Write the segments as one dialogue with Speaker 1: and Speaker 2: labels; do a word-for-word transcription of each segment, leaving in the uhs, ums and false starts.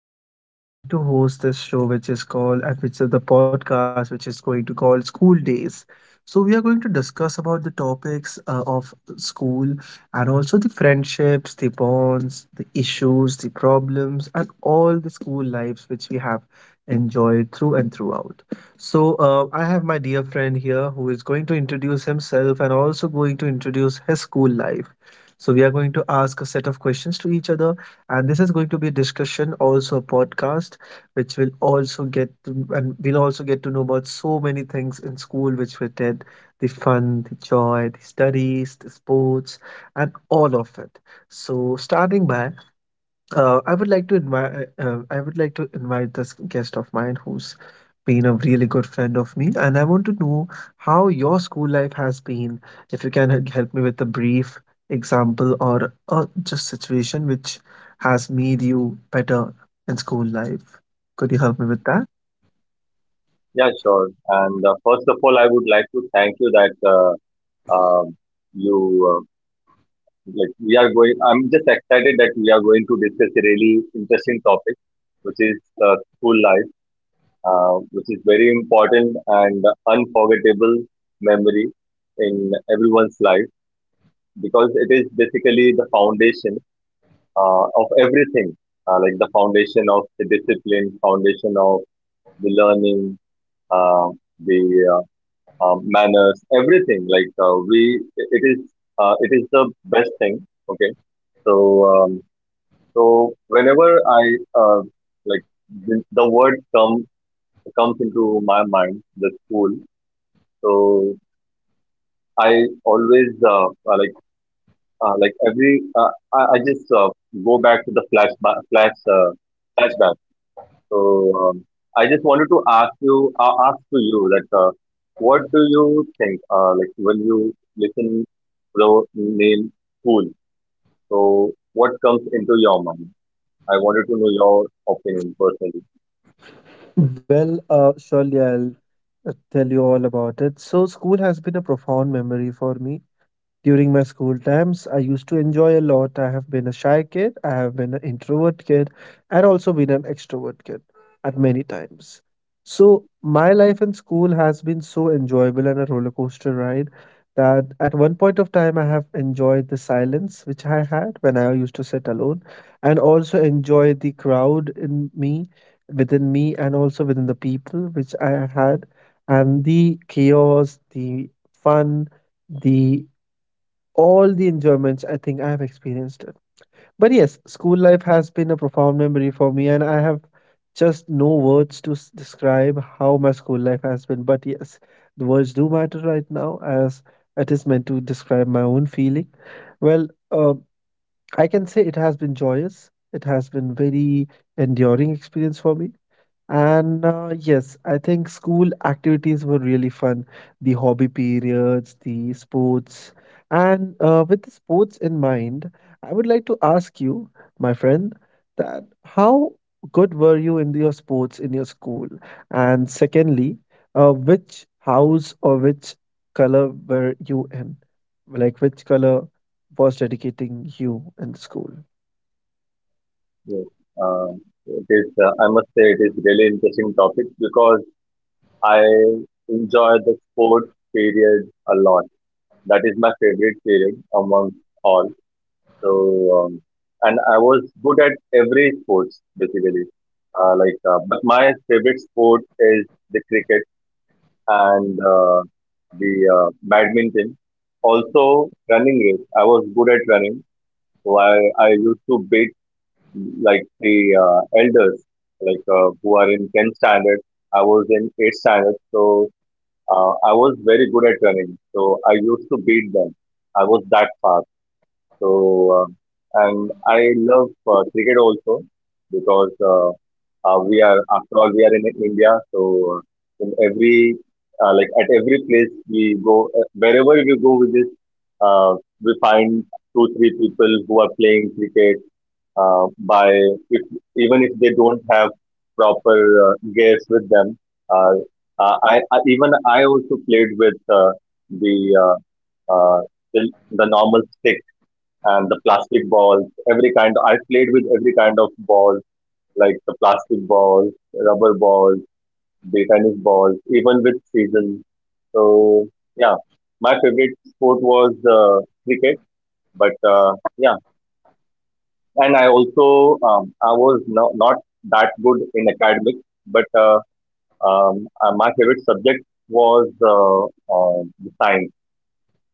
Speaker 1: here. I'm going to host this show which is called and which is the podcast which is going to call School Days. So we are going to discuss about the topics uh, of school and also the friendships, the bonds, the issues, the problems and all the school lives which we have enjoyed through and throughout. So uh, I have my dear friend here who is going to introduce himself and also going to introduce his school life. So we are going to ask a set of questions to each other, and this is going to be a discussion, also a podcast which will also get to, and we'll also get to know about so many things in school which we did: the fun, the joy, the studies, the sports, and all of it. So starting by uh, I would like to invite. Uh, uh, I would like to invite this guest of mine who's been a really good friend of me, and I want to know how your school life has been. If you can h- help me with a brief example, or uh, just situation which has made you better in school life, could you help me with that?
Speaker 2: Yeah, sure. And uh, first of all, I would like to thank you that uh, um you uh, like we are going. I'm just excited that we are going to discuss a really interesting topic, which is uh, school life, uh, which is very important and unforgettable memory in everyone's life because it is basically the foundation uh, of everything, uh, like the foundation of the discipline, foundation of the learning, uh, the uh, um, manners, everything. Like uh, we, it is, uh, it is the best thing. Okay, so um, so whenever I uh, like the, the word come comes into my mind, the school. So I always uh, uh, like uh, like every uh, I, I just uh, go back to the flash flashback. flash uh, flashback. So um, I just wanted to ask you, uh, ask to you that uh, what do you think? Uh, like when you listen the name school, so what comes into your mind? I wanted to know your opinion personally.
Speaker 1: Well, uh, surely I'll uh, tell you all about it. So, school has been a profound memory for me. During my school times, I used to enjoy a lot. I have been a shy kid, I have been an introvert kid, and also been an extrovert kid at many times. So, my life in school has been so enjoyable and a roller coaster ride that at one point of time, I have enjoyed the silence which I had when I used to sit alone, and also enjoyed the crowd in me, within me, and also within the people which I had, and the chaos, the fun, the all the enjoyments I think I have experienced it. But yes, school life has been a profound memory for me, and I have just no words to s- describe how my school life has been. But yes, the words do matter right now as it is meant to describe my own feeling. Well, uh, I can say it has been joyous. It has been very enduring experience for me, and uh, yes, I think school activities were really fun. The hobby periods, the sports. And uh, with the sports in mind, I would like to ask you, my friend, that how good were you in your sports in your school? And secondly, uh, which house or which color were you in? Like which color was dedicating you in school?
Speaker 2: Yes. Uh, it is, uh, I must say, it is really interesting topic because I enjoy the sports period a lot. That is my favorite period among all. So, um, and I was good at every sports basically. Uh, like, uh, but my favorite sport is the cricket and uh, the uh, badminton. Also, running race. I was good at running, so I I used to beat like the uh, elders, like uh, who are in tenth standard. I was in eighth standard, so uh, I was very good at running. So I used to beat them. I was that fast. So, um, and I love uh, cricket also because uh, uh, we are, after all, we are in India. So, uh, in every, uh, like at every place we go, uh, wherever we go with this, uh, we find two, three people who are playing cricket. Uh, by if even if they don't have proper uh, gears with them, uh, uh, I, I even I also played with uh, the uh, uh, the the normal stick and the plastic balls, every kind. I played with every kind of balls, like the plastic balls, rubber balls, the tennis balls, even with season. So yeah, my favorite sport was uh, cricket. But uh, yeah, and I also um, I was no, not that good in academics, but uh, um, uh, my favorite subject was uh, uh, the science.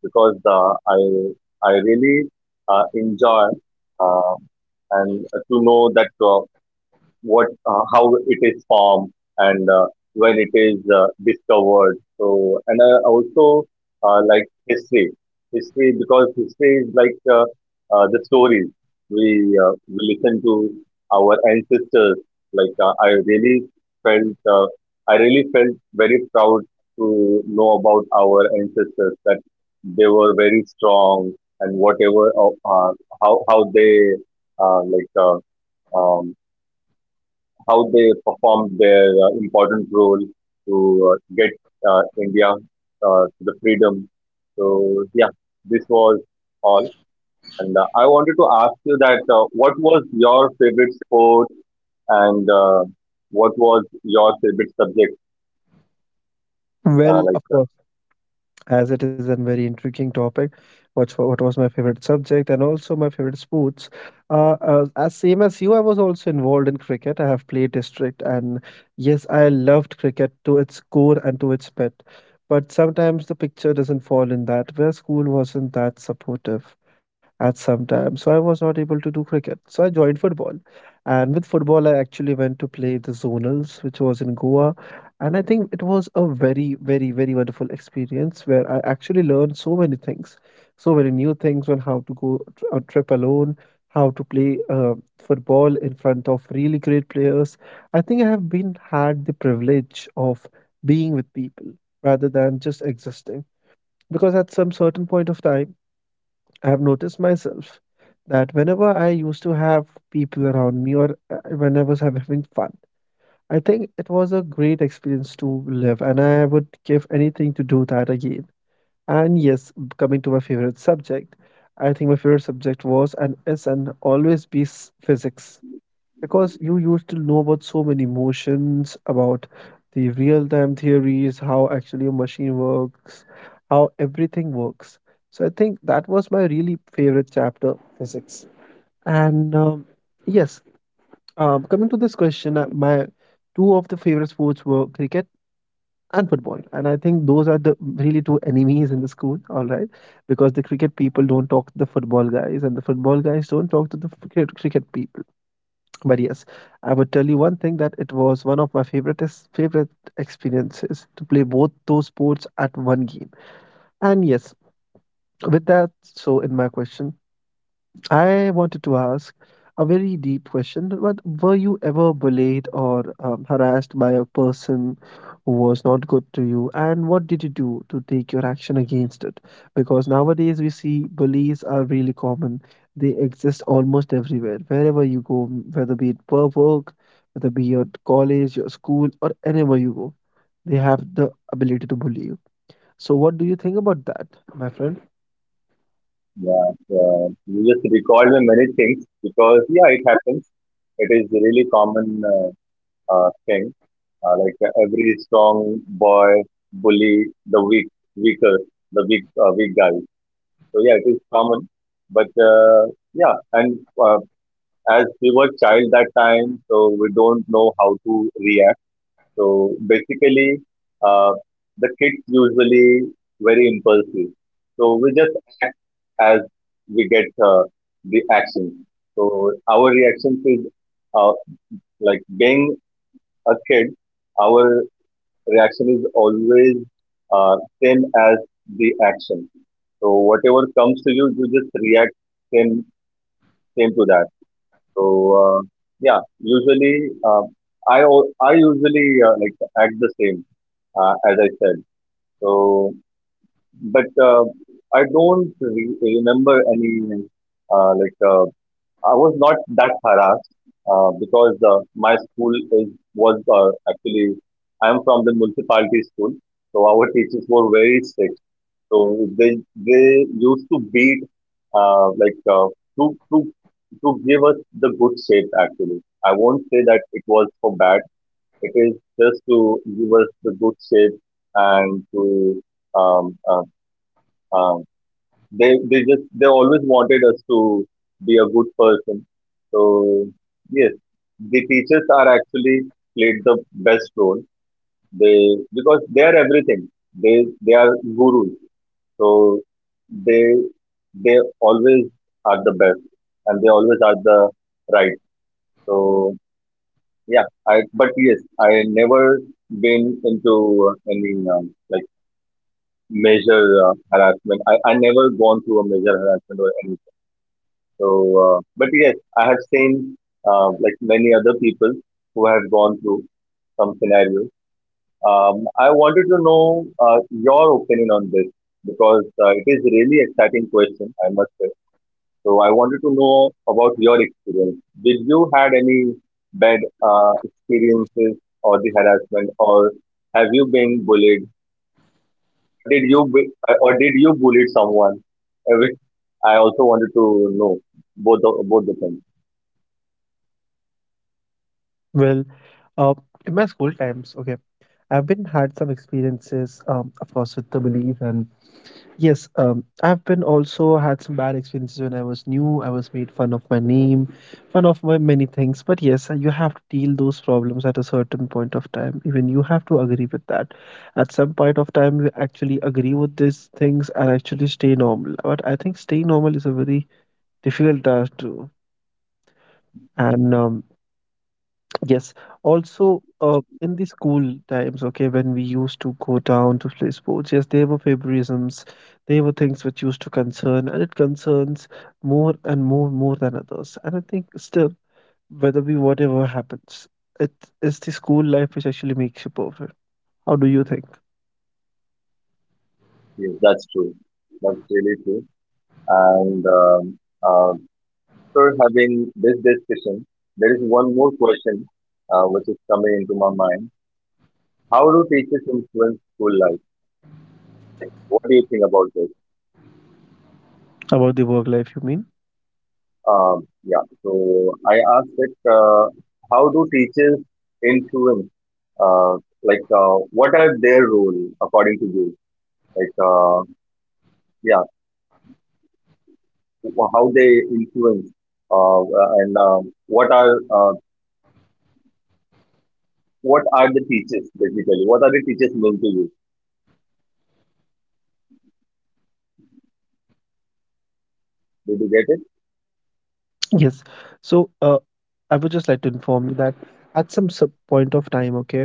Speaker 2: Because uh, I I really uh, enjoy uh, and to know that uh, what uh, how it is formed and uh, when it is uh, discovered. So and I also uh, like history history because history is like uh, uh, the stories we uh, we listen to our ancestors. like uh, I really felt uh, I really felt very proud to know about our ancestors, that they were very strong and whatever uh, uh, how how they uh, like uh, um, how they performed their uh, important role to uh, get uh, India uh, to the freedom. So yeah, this was all. And uh, I wanted to ask you that uh, what was your favorite sport and uh, what was your favorite subject?
Speaker 1: Well,
Speaker 2: Uh,
Speaker 1: of
Speaker 2: like uh,
Speaker 1: course, as it is a very intriguing topic, what what was my favorite subject and also my favorite sports. Uh, uh, as same as you, I was also involved in cricket. I have played district, and yes, I loved cricket to its core and to its pit. But sometimes the picture doesn't fall in that where school wasn't that supportive at some time, so I was not able to do cricket. So I joined football, and with football, I actually went to play the zonals, which was in Goa. And I think it was a very, very, very wonderful experience where I actually learned so many things, so many new things on how to go tr- a trip alone, how to play uh, football in front of really great players. I think I have been had the privilege of being with people rather than just existing. Because at some certain point of time, I have noticed myself that whenever I used to have people around me, or uh, whenever I was having fun, I think it was a great experience to live, and I would give anything to do that again. And yes, b- coming to my favorite subject, I think my favorite subject was and is and always be s- physics, because you used to know about so many motions, about the real time theories, how actually a machine works, how everything works. So I think that was my really favorite chapter, physics. And um, yes, um, coming to this question, uh, my two of the favorite sports were cricket and football, and I think those are the really two enemies in the school. All right, because the cricket people don't talk to the football guys, and the football guys don't talk to the cricket cricket people. But yes, I would tell you one thing that it was one of my favorite favorite experiences to play both those sports at one game. And yes, with that, so in my question. I wanted to ask a very deep question. But were you ever bullied or um, harassed by a person who was not good to you? And what did you do to take your action against it? Because nowadays we see bullies are really common. They exist almost everywhere. Wherever you go, whether be it per work, whether be your college, your school, or anywhere you go, they have the ability to bully you. So what do you think about that, my friend?
Speaker 2: yeah, uh, you just recalled me many things because yeah, it happens. It is really common uh, uh, thing. Uh, like uh, every strong boy bully the weak, weaker, the weak, uh, weak guy. So yeah, it is common. But uh, yeah, and uh, as we were child that time, so we don't know how to react. So basically, uh, the kids usually very impulsive. So we just act as we get uh, the action. So our reactions is uh, like being a kid. Our reaction is always uh, same as the action. So whatever comes to you, you just react same same to that. So uh, yeah, usually uh, I al- I usually uh, like act the same uh, as I said. So but uh, I don't re- remember any uh, like uh, I was not that harassed uh, because uh, my school is was uh, actually, I am from the municipality school, so our teachers were very strict. So they they used to beat uh, like uh, to to to give us the good shape. Actually, I won't say that it was for bad. It is just to give us the good shape and to um, uh, um, they they just they always wanted us to be a good person. So yes, the teachers are actually played the best role. They Because they are everything. They they are gurus. So they they always are the best, and they always are the right. So yeah, I but yes I never been into uh, any um, like major uh, harassment. I, I never gone through a major harassment or anything. So, uh, but yes, I have seen uh, like many other people who have gone through some scenarios. Um, I wanted to know uh, your opinion on this because uh, it is really exciting question, I must say. So, I wanted to know about your experience. Did you had any bad uh, experiences or the harassment, or have you been bullied? Did you bu- or did you bully someone? Uh, which I also wanted to know both the, both the things.
Speaker 1: Well, uh, in my school times, okay. I've been had some experiences, um, of course, with the belief, and yes, um, I've been also had some bad experiences when I was new. I was made fun of my name, fun of my many things. But yes, you have to deal those problems at a certain point of time. Even you have to agree with that. At some point of time, you actually agree with these things and actually stay normal. But I think stay normal is a very difficult task to, and um, yes. Also, uh, in the school times, okay, when we used to go down to play sports, yes, there were favorisms, there were things which used to concern, and it concerns more and more, more than others. And I think still, whether we whatever happens, it is the school life which actually makes you perfect. How do you think
Speaker 2: Yes, that's true. That's really true. And um, uh, for having this discussion, there is one more question uh, which is coming into my mind. How do teachers influence school life? What do you think about this?
Speaker 1: about the work life? You mean?
Speaker 2: Um, yeah, so I asked it, uh, how do teachers influence, uh, like, uh, what are their role according to you? Like, uh, yeah, how they influence uh, and um what are uh, what are the teachers basically? What are the teachers meant to you? Did you get it?
Speaker 1: Yes. So, uh, I would just like to inform you that at some sub point of time, okay,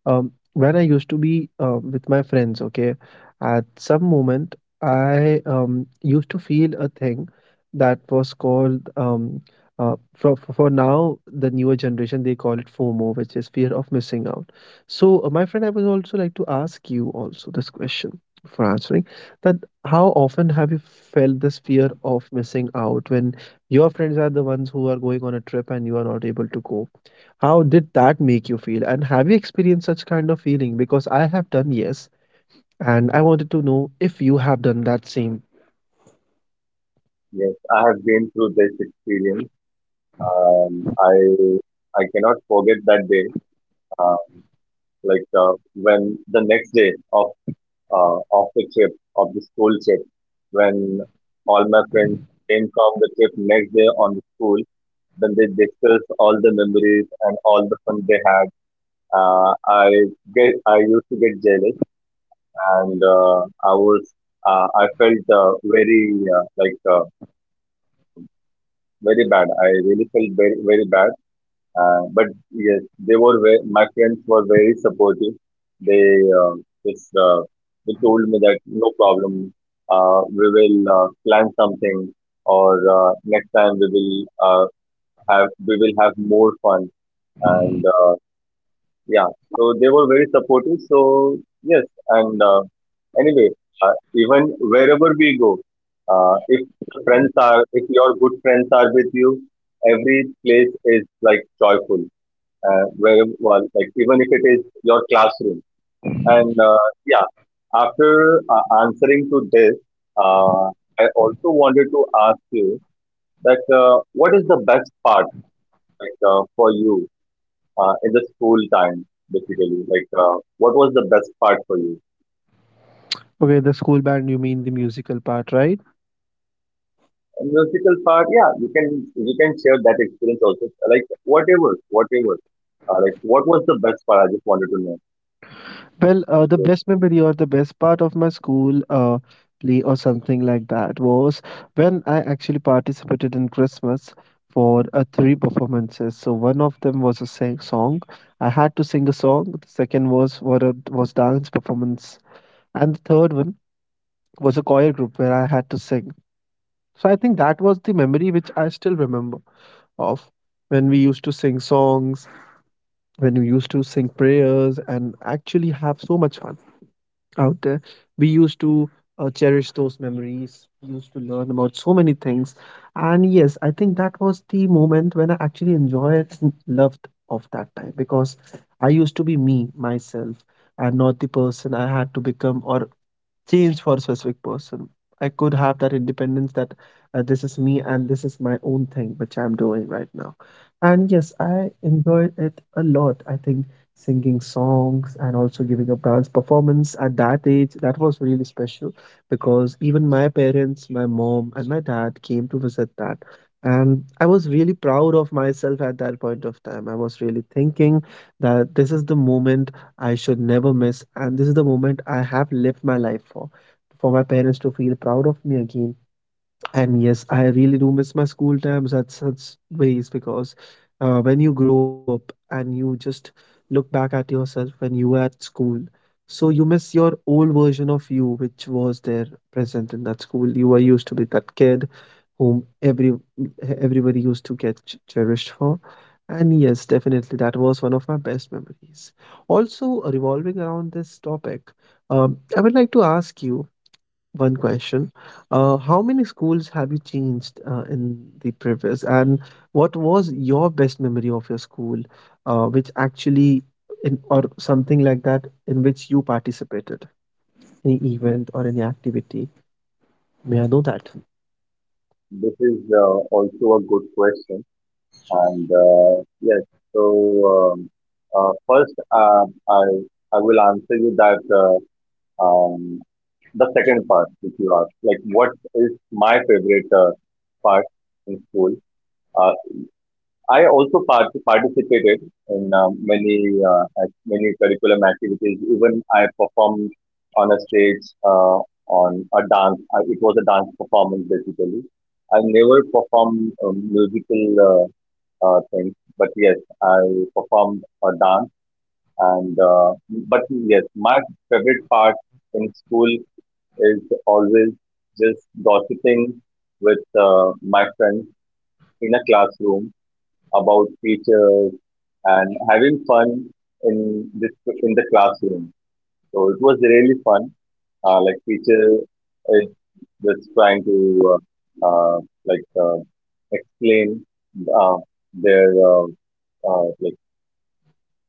Speaker 1: Um, when I used to be uh, with my friends, okay, at some moment I um, used to feel a thing that was called um, uh, for for for now the newer generation they call it FOMO, which is fear of missing out. So, uh, my friend, I would also like to ask you also this question for answering that how often have you felt this fear of missing out when your friends are the ones who are going on a trip and you are not able to go? How did that make you feel? And have you experienced such kind of feeling? Because I have done, yes, and I wanted to know if you have done that same.
Speaker 2: Yes, I have been through this experience. Um, I I cannot forget that day. Uh, like uh, when the next day of uh, of the trip of the school trip, when all my friends came from the trip next day on the school, then they discussed all the memories and all the fun they had. Uh, I get I used to get jealous and uh, I was uh, I felt uh, very uh, like uh, very bad. I really felt very very bad. Uh, but yes, they were very, my friends were very supportive. They uh, just uh, they told me that no problem. Uh, we will uh, plan something, or uh, next time we will uh, have we will have more fun. And uh, yeah, so they were very supportive. So yes, and uh, anyway, uh, even wherever we go, uh, if friends are, if your good friends are with you, every place is like joyful. Uh, where, well, like even if it is your classroom, and uh, yeah, after uh, answering to this, uh, I also wanted to ask you that uh, what is the best part, like, uh, for you uh, in the school time, basically? Like, uh, what was the best part for you?
Speaker 1: Okay, the school band, you mean the musical part, right?
Speaker 2: And musical part, yeah, you can you can share that experience also. Like whatever, whatever. Uh, like what was the best part? I just wanted to know.
Speaker 1: Well, uh, the
Speaker 2: Yes,
Speaker 1: best memory or the best part of my school uh, play or something like that was when I actually participated in Christmas for uh, three performances. So one of them was a sing- song. I had to sing a song. The second was what a, was dance performance, and the third one was a choir group where I had to sing. So I think that was the memory which I still remember of when we used to sing songs, when we used to sing prayers, and actually have so much fun out there. We used to uh, cherish those memories, we used to learn about so many things. And yes, I think that was the moment when I actually enjoyed and loved of that time because I used to be me, myself, and not the person I had to become or change for a specific person. I could have that independence that uh, this is me and this is my own thing which I'm doing right now. And yes, I enjoyed it a lot. I think singing songs and also giving a dance performance at that age that was really special because even my parents, my mom, and my dad came to visit that. And I was really proud of myself at that point of time. I was really thinking that this is the moment I should never miss, and this is the moment I have lived my life for. For my parents to feel proud of me again. And yes, I really do miss my school times at such ways because uh, when you grow up and you just look back at yourself when you were at school, so you miss your old version of you, which was there present in that school. You were used to be that kid whom every everybody used to get ch- cherished for. And yes, definitely that was one of my best memories. Also, revolving around this topic, um, I would like to ask you one question. Uh, how many schools have you changed uh, in the previous, and what was your best memory of your school, uh, which actually in or something like that in which you participated? Any event or any activity? May I know that?
Speaker 2: this is uh, also a good question, and uh, yes. So um, uh, first, uh, I I will answer you that uh, um, the second part which you asked, like what is my favorite uh, part in school. Uh, I also part- participated in uh, many uh, ac- many curriculum activities. Even I performed on a stage uh, on a dance. I, it was a dance performance basically. I never performed uh, musical uh, uh, things, but yes, I performed a dance. And uh, but yes, my favorite part in school is always just gossiping with uh, my friends in a classroom about teachers and having fun in this in the classroom. So it was really fun. Uh, like teacher is just trying to uh, uh, like uh, explain uh, their uh, uh, like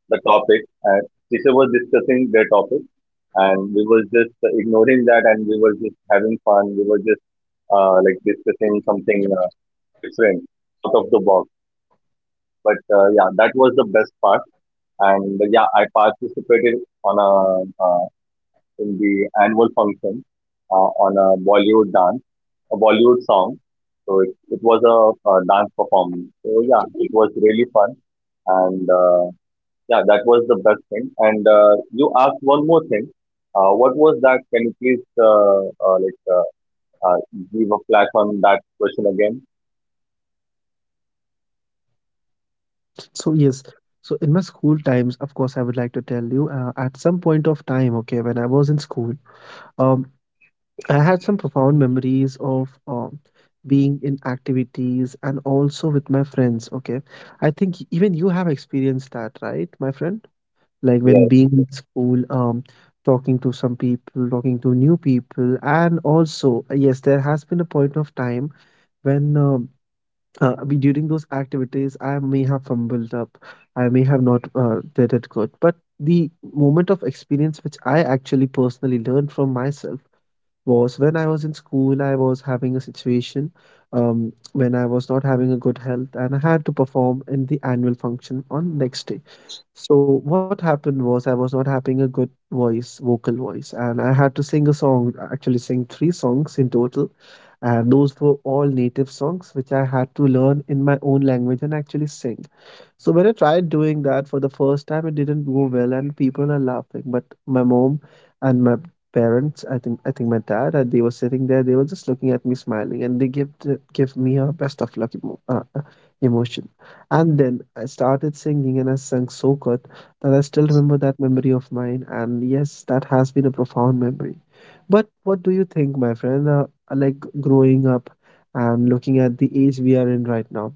Speaker 2: the topic. And teacher was discussing their topic, and we were just ignoring that, and we were just having fun. We were just uh, like discussing something uh, different out of the box. But uh, yeah, that was the best part. And yeah, I participated on a uh, in the annual function uh, on a Bollywood dance, a Bollywood song. So it, it was a, a dance performance. So yeah, it was really fun, and uh, yeah, that was the best thing. And uh, you asked one more thing. Uh, what was that? Can you please uh, uh, like uh, uh, give a flash on that question again?
Speaker 1: So, yes. So, in my school times, of course, I would like to tell you uh, at some point of time, okay, when I was in school, um, I had some profound memories of um, being in activities and also with my friends, okay. I think even you have experienced that, right, my friend? Like
Speaker 2: Yes,
Speaker 1: when being in school, um, talking to some people, talking to new people, and also, yes, there has been a point of time when um uh, I mean, during those activities, I may have fumbled up, I may have not uh, did it good, but the moment of experience which I actually personally learned from myself was when I was in school, I was having a situation um, when I was not having a good health and I had to perform in the annual function on next day. So what happened was I was not having a good voice, vocal voice, and I had to sing a song, actually sing three songs in total and those were all native songs which I had to learn in my own language and actually sing. So when I tried doing that for the first time, it didn't go well, and people are laughing. But my mom and my parents, I think, I think my dad, uh, they were sitting there. They were just looking at me, smiling, and they give give me a best of luck emo- uh, uh, emotion. And then I started singing, and I sang so good that I still remember that memory of mine. And yes, that has been a profound memory. But what do you think, my friend? Uh, like growing up and looking at the age we are in right now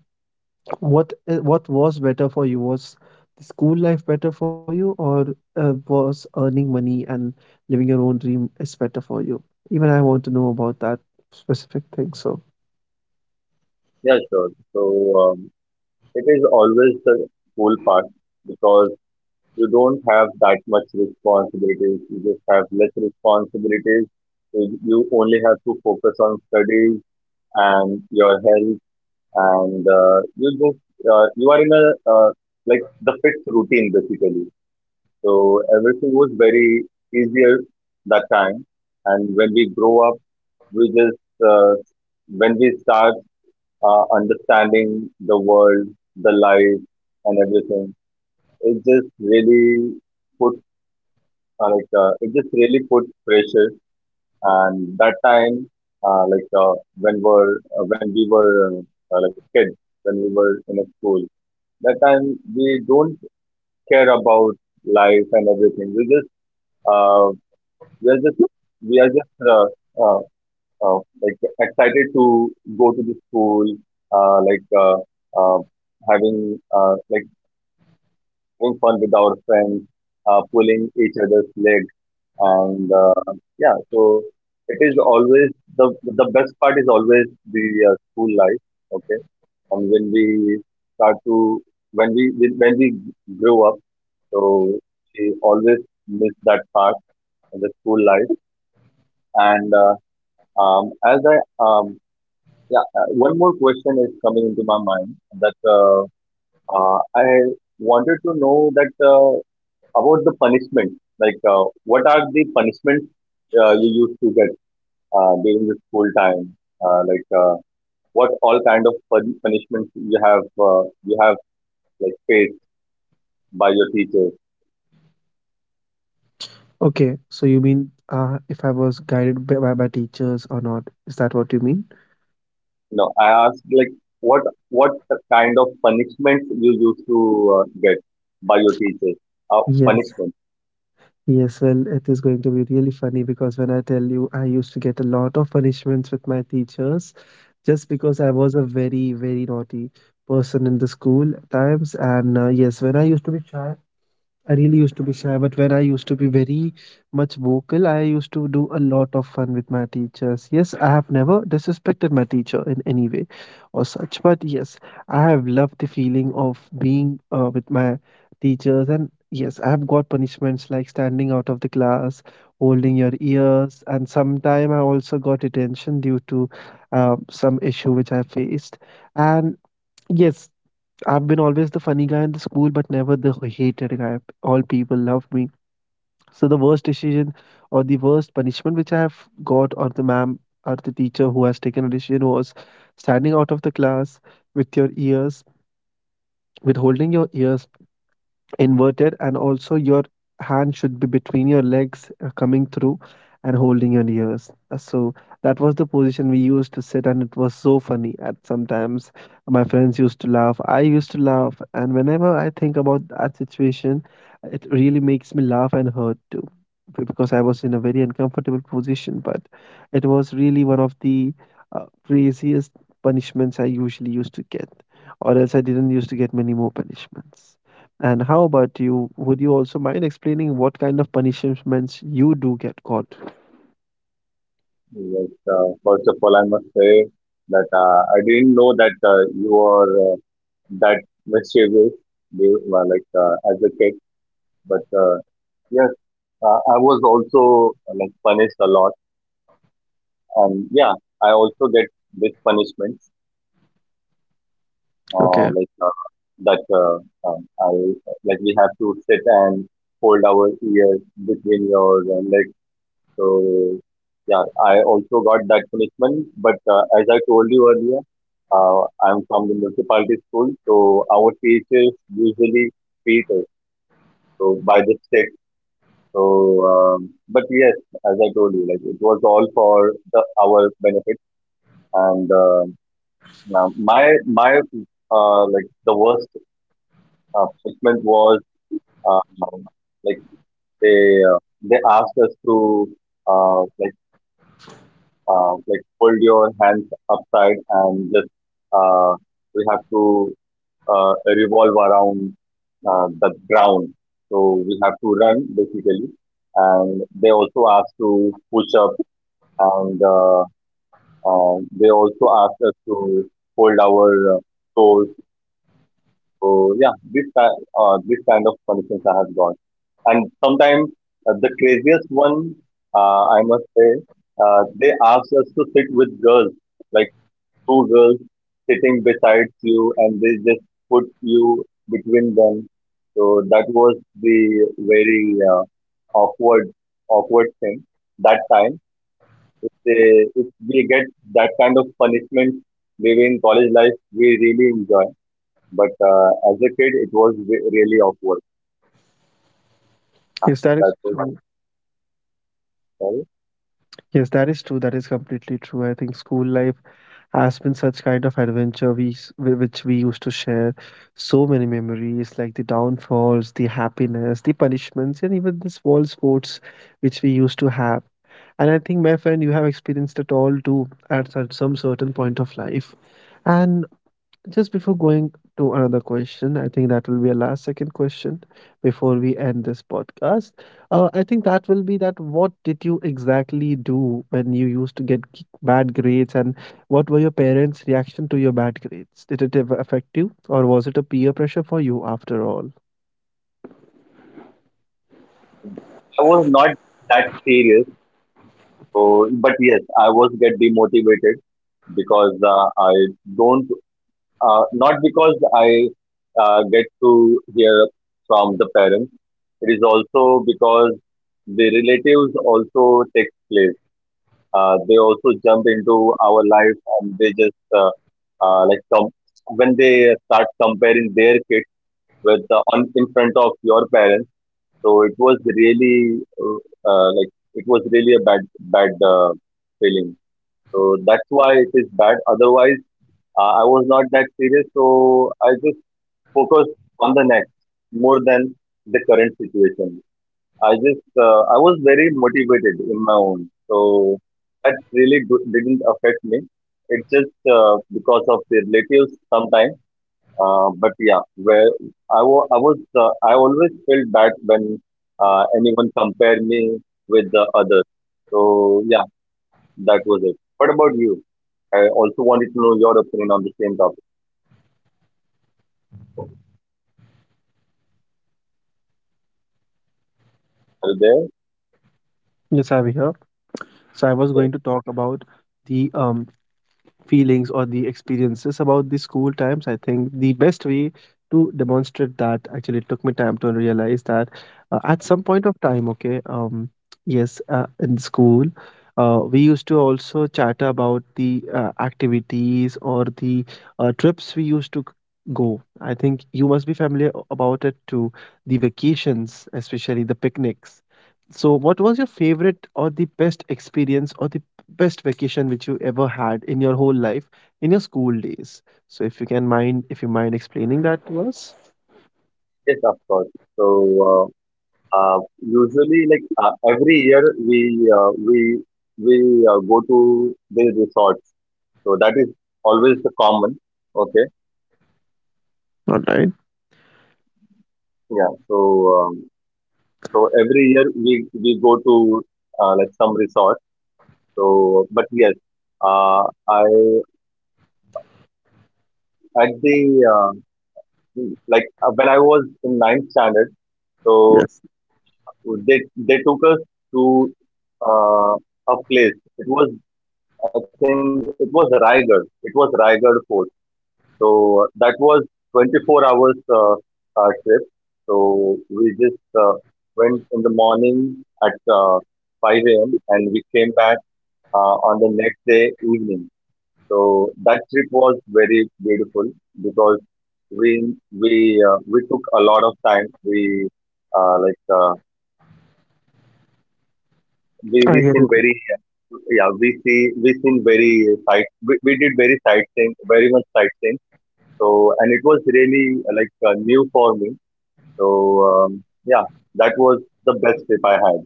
Speaker 1: what i- what was better for you? Was the school life better for you, or uh, was earning money and living your own dream is better for you? Even I want to know about that specific thing. So,
Speaker 2: yeah, sure. So um, it is always the cool part because you don't have that much responsibilities. You just have less responsibilities. You you only have to focus on studies and your health, and uh, you just uh, you are in a uh, like the fixed routine basically. So everything was very easier that time, and when we grow up, we just uh, when we start uh, understanding the world, the life, and everything, it just really puts Uh, like uh, it just really put pressure and that time uh, like uh, when were uh, when we were uh, uh, like kids when we were in a school that time we don't care about life and everything we just uh, we are just we are just uh, uh, uh, like excited to go to the school uh, like uh, uh, having uh, like having fun with our friends, uh, pulling each other's legs and uh, yeah so it is always the the best part is always the uh, school life. Okay. And when we start to when we when we grew up, so she always missed that part of the school life. And uh, um, as I um, yeah, uh, one more question is coming into my mind that uh, uh, I wanted to know that uh, about the punishment. like uh, what are the punishments uh, you used to get uh, during the school time? Uh, like uh, what all kind of pun- punishments you have uh, you have like faced by your teachers?
Speaker 1: okay, so you mean uh, if I was guided by, by by teachers or not? Is that what you mean?
Speaker 2: You know, I asked like what what kind of punishments you used to uh, get by your teachers? Uh,
Speaker 1: Yes.
Speaker 2: punishment.
Speaker 1: Yes, well, it is going to be really funny because when I tell you, I used to get a lot of punishments with my teachers just because I was a very, very naughty person in the school at times. And uh, yes, when I used to be shy, I really used to be shy, but when I used to be very much vocal, I used to do a lot of fun with my teachers. Yes, I have never disrespected my teacher in any way or such, but yes, I have loved the feeling of being uh, with my teachers. And yes, I have got punishments like standing out of the class, holding your ears, and sometime I also got detention due to uh, some issue which I faced. And yes, I've been always the funny guy in the school, but never the hated guy. All people love me. So the worst decision or the worst punishment which I have got, or the ma'am or the teacher who has taken a decision, was standing out of the class with your ears, with holding your ears inverted and also your hand should be between your legs uh, coming through and holding your ears. Uh, so that was the position we used to sit and it was so funny. And sometimes my friends used to laugh, I used to laugh, and whenever I think about that situation it really makes me laugh and hurt too, b- because I was in a very uncomfortable position, but it was really one of the uh, craziest punishments I usually used to get, or else I didn't used to get many more punishments. And how about you? Would you also mind explaining what kind of punishments you do get caught?
Speaker 2: Yes. Uh, first of all, I must say that uh, I didn't know that uh, you were uh, that mischievous, they- well, like uh, as a kid, but uh, yes, uh, I was also uh, like punished a lot. And yeah, I also get this punishment, uh,
Speaker 1: Okay.
Speaker 2: like uh, that uh, um, I, like, we have to sit and hold our ears between your uh, legs. So yeah, I also got that punishment. But uh, as I told you earlier, uh, I'm from the municipality school, so our teachers usually beat us so by the stick. So, um, but yes, as I told you, like it was all for the, our benefit and. Uh, Yeah, my my uh, like the worst uh, treatment was um, like they uh, they asked us to uh, like uh, like hold your hands upside and just uh, we have to uh, revolve around uh, the ground. So we have to run basically, and they also asked to push up and uh, uh, they also asked us to hold our uh, toes. So yeah, this ki- uh, this kind of conditions I have got, and sometimes uh, the craziest one, uh, I must say, uh, they ask us to sit with girls, like two girls sitting beside you, and they just put you between them. So that was the very uh, awkward awkward thing that time. If they, if we get that kind of punishment, maybe in college life, we really enjoy. But uh, as a kid, it was re- really awkward. Uh,
Speaker 1: Yes, that
Speaker 2: That
Speaker 1: is
Speaker 2: was
Speaker 1: true.
Speaker 2: all.
Speaker 1: Yes, that is true. That is completely true. I think school life has been such kind of adventure we s- whi- which we used to share so many memories like the downfalls, the happiness, the punishments, and even the small sports which we used to have. And I think, my friend, you have experienced it all too at such- some certain point of life. And just before going to another question, I think that will be a last second question before we end this podcast. Uh, I think that will be that what did you exactly do when you used to get g- bad grades and what were your parents' reaction to your bad grades? Did it ever affect you or was it a peer pressure for you after all?
Speaker 2: I was not that serious. So, but yes, I was get demotivated because uh, I don't. Uh, not because I uh, get to hear from the parents. It is also because the relatives also take place. Uh, they also jump into our life and they just uh, uh, like com- when they start comparing their kids with uh, on in front of your parents. So it was really uh, uh, like it was really a bad bad uh, feeling. So that's why it is bad. Otherwise, uh, I was not that serious. So I just focused on the next more than the current situation. I just uh, I was very motivated in my own. So that really do- didn't affect me. It's just uh, because of the relatives sometimes, uh, but yeah, where I wa I was, uh, I always felt bad when uh, anyone compared me with the others. So yeah, that was it. What about you? I also wanted to know your opinion on the same topic. Are you there?
Speaker 1: Yes, I'm here. So I was
Speaker 2: Yes,
Speaker 1: going to talk about the um feelings or the experiences about the school times. I think the best way to demonstrate that actually it took me time to realize that uh, at some point of time, okay, um yes, uh, in school, uh, we used to also chatter about the uh, activities or the uh, trips we used to go. I think you must be familiar about it too, the vacations, especially the picnics. So what was your favorite or the best experience or the best vacation which you ever had in your whole life, in your school days? So if you can mind, if you mind explaining that to us.
Speaker 2: yes, of course. So uh, uh, usually, like uh, every year, we uh, we we uh, go to these resorts. So that is always the common. Okay,
Speaker 1: All right.
Speaker 2: yeah. So um, so every year we we go to uh, like some resort. So, but yes, uh, I at the uh, like uh, when I was in ninth standard, so
Speaker 1: Yes.
Speaker 2: they they took us to uh, a place. It was, I think it was Raigad. It was Raigad Fort. So uh, that was twenty-four hours uh, uh, trip. So we just uh, went in the morning at uh, five a m and we came back uh, on the next day evening. So that trip was very beautiful because we we uh, we took a lot of time. We uh, like uh, we we
Speaker 1: I get
Speaker 2: seen
Speaker 1: it.
Speaker 2: very yeah we see we seen very sight we, we did very sightseeing very much sightseeing. So and it was really uh, like uh, new for me. So um, yeah, that was the best trip I had.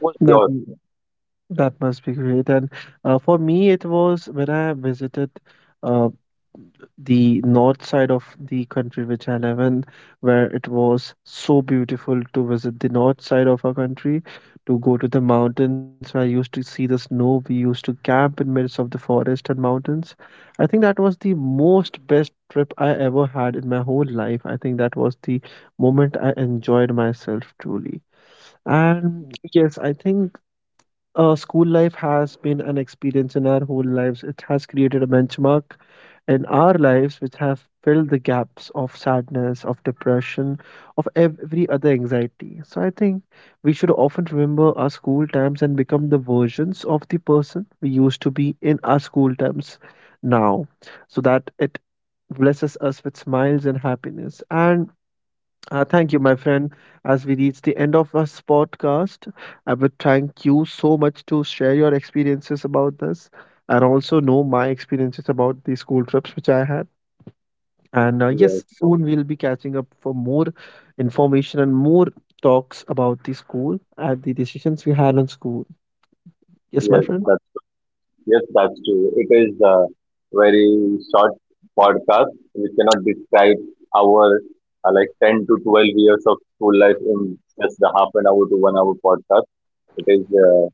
Speaker 2: What was
Speaker 1: That
Speaker 2: yours?
Speaker 1: that must be great. And uh, for me, it was when I visited uh, the north side of the country which I live in, where it was so beautiful to visit the north side of our country, to go to the mountains. I used to see the snow. We used to camp in midst of the forest and mountains. I think that was the most best trip I ever had in my whole life. I think that was the moment I enjoyed myself truly. And yes, I think uh, school life has been an experience in our whole lives. It has created a benchmark in our lives which have filled the gaps of sadness, of depression, of every other anxiety. So I think we should often remember our school times and become the versions of the person we used to be in our school times now so that it blesses us with smiles and happiness. And uh, thank you, my friend. As we reach the end of this podcast, I would thank you so much to share your experiences about this and also know my experiences about the school trips which I had. And uh,
Speaker 2: Yes,
Speaker 1: yes, soon we'll be catching up for more information and more talks about the school and the decisions we had on school. Yes, my
Speaker 2: yes,
Speaker 1: friend.
Speaker 2: that's Yes, that's true. It is a very short podcast. We cannot describe our uh, like ten to twelve years of school life in just the half an hour to one hour podcast. It is uh,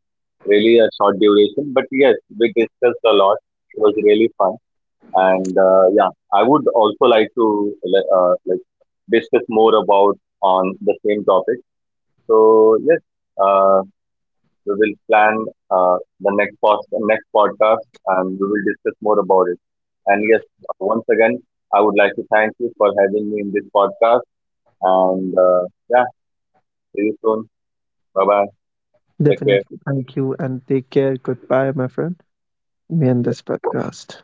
Speaker 2: really a short duration, but yes, we discussed a lot. It was really fun, and uh, yeah, I would also like to like, uh, like discuss more about on the same topic. So yes, uh, we will plan uh, the next post next podcast, and we will discuss more about it. And yes, once again, I would like to thank you for having me in this podcast. And uh, yeah, see you soon. Bye bye. Take care.
Speaker 1: Definitely. Thank you and take care. Goodbye, my friend. Me and this podcast.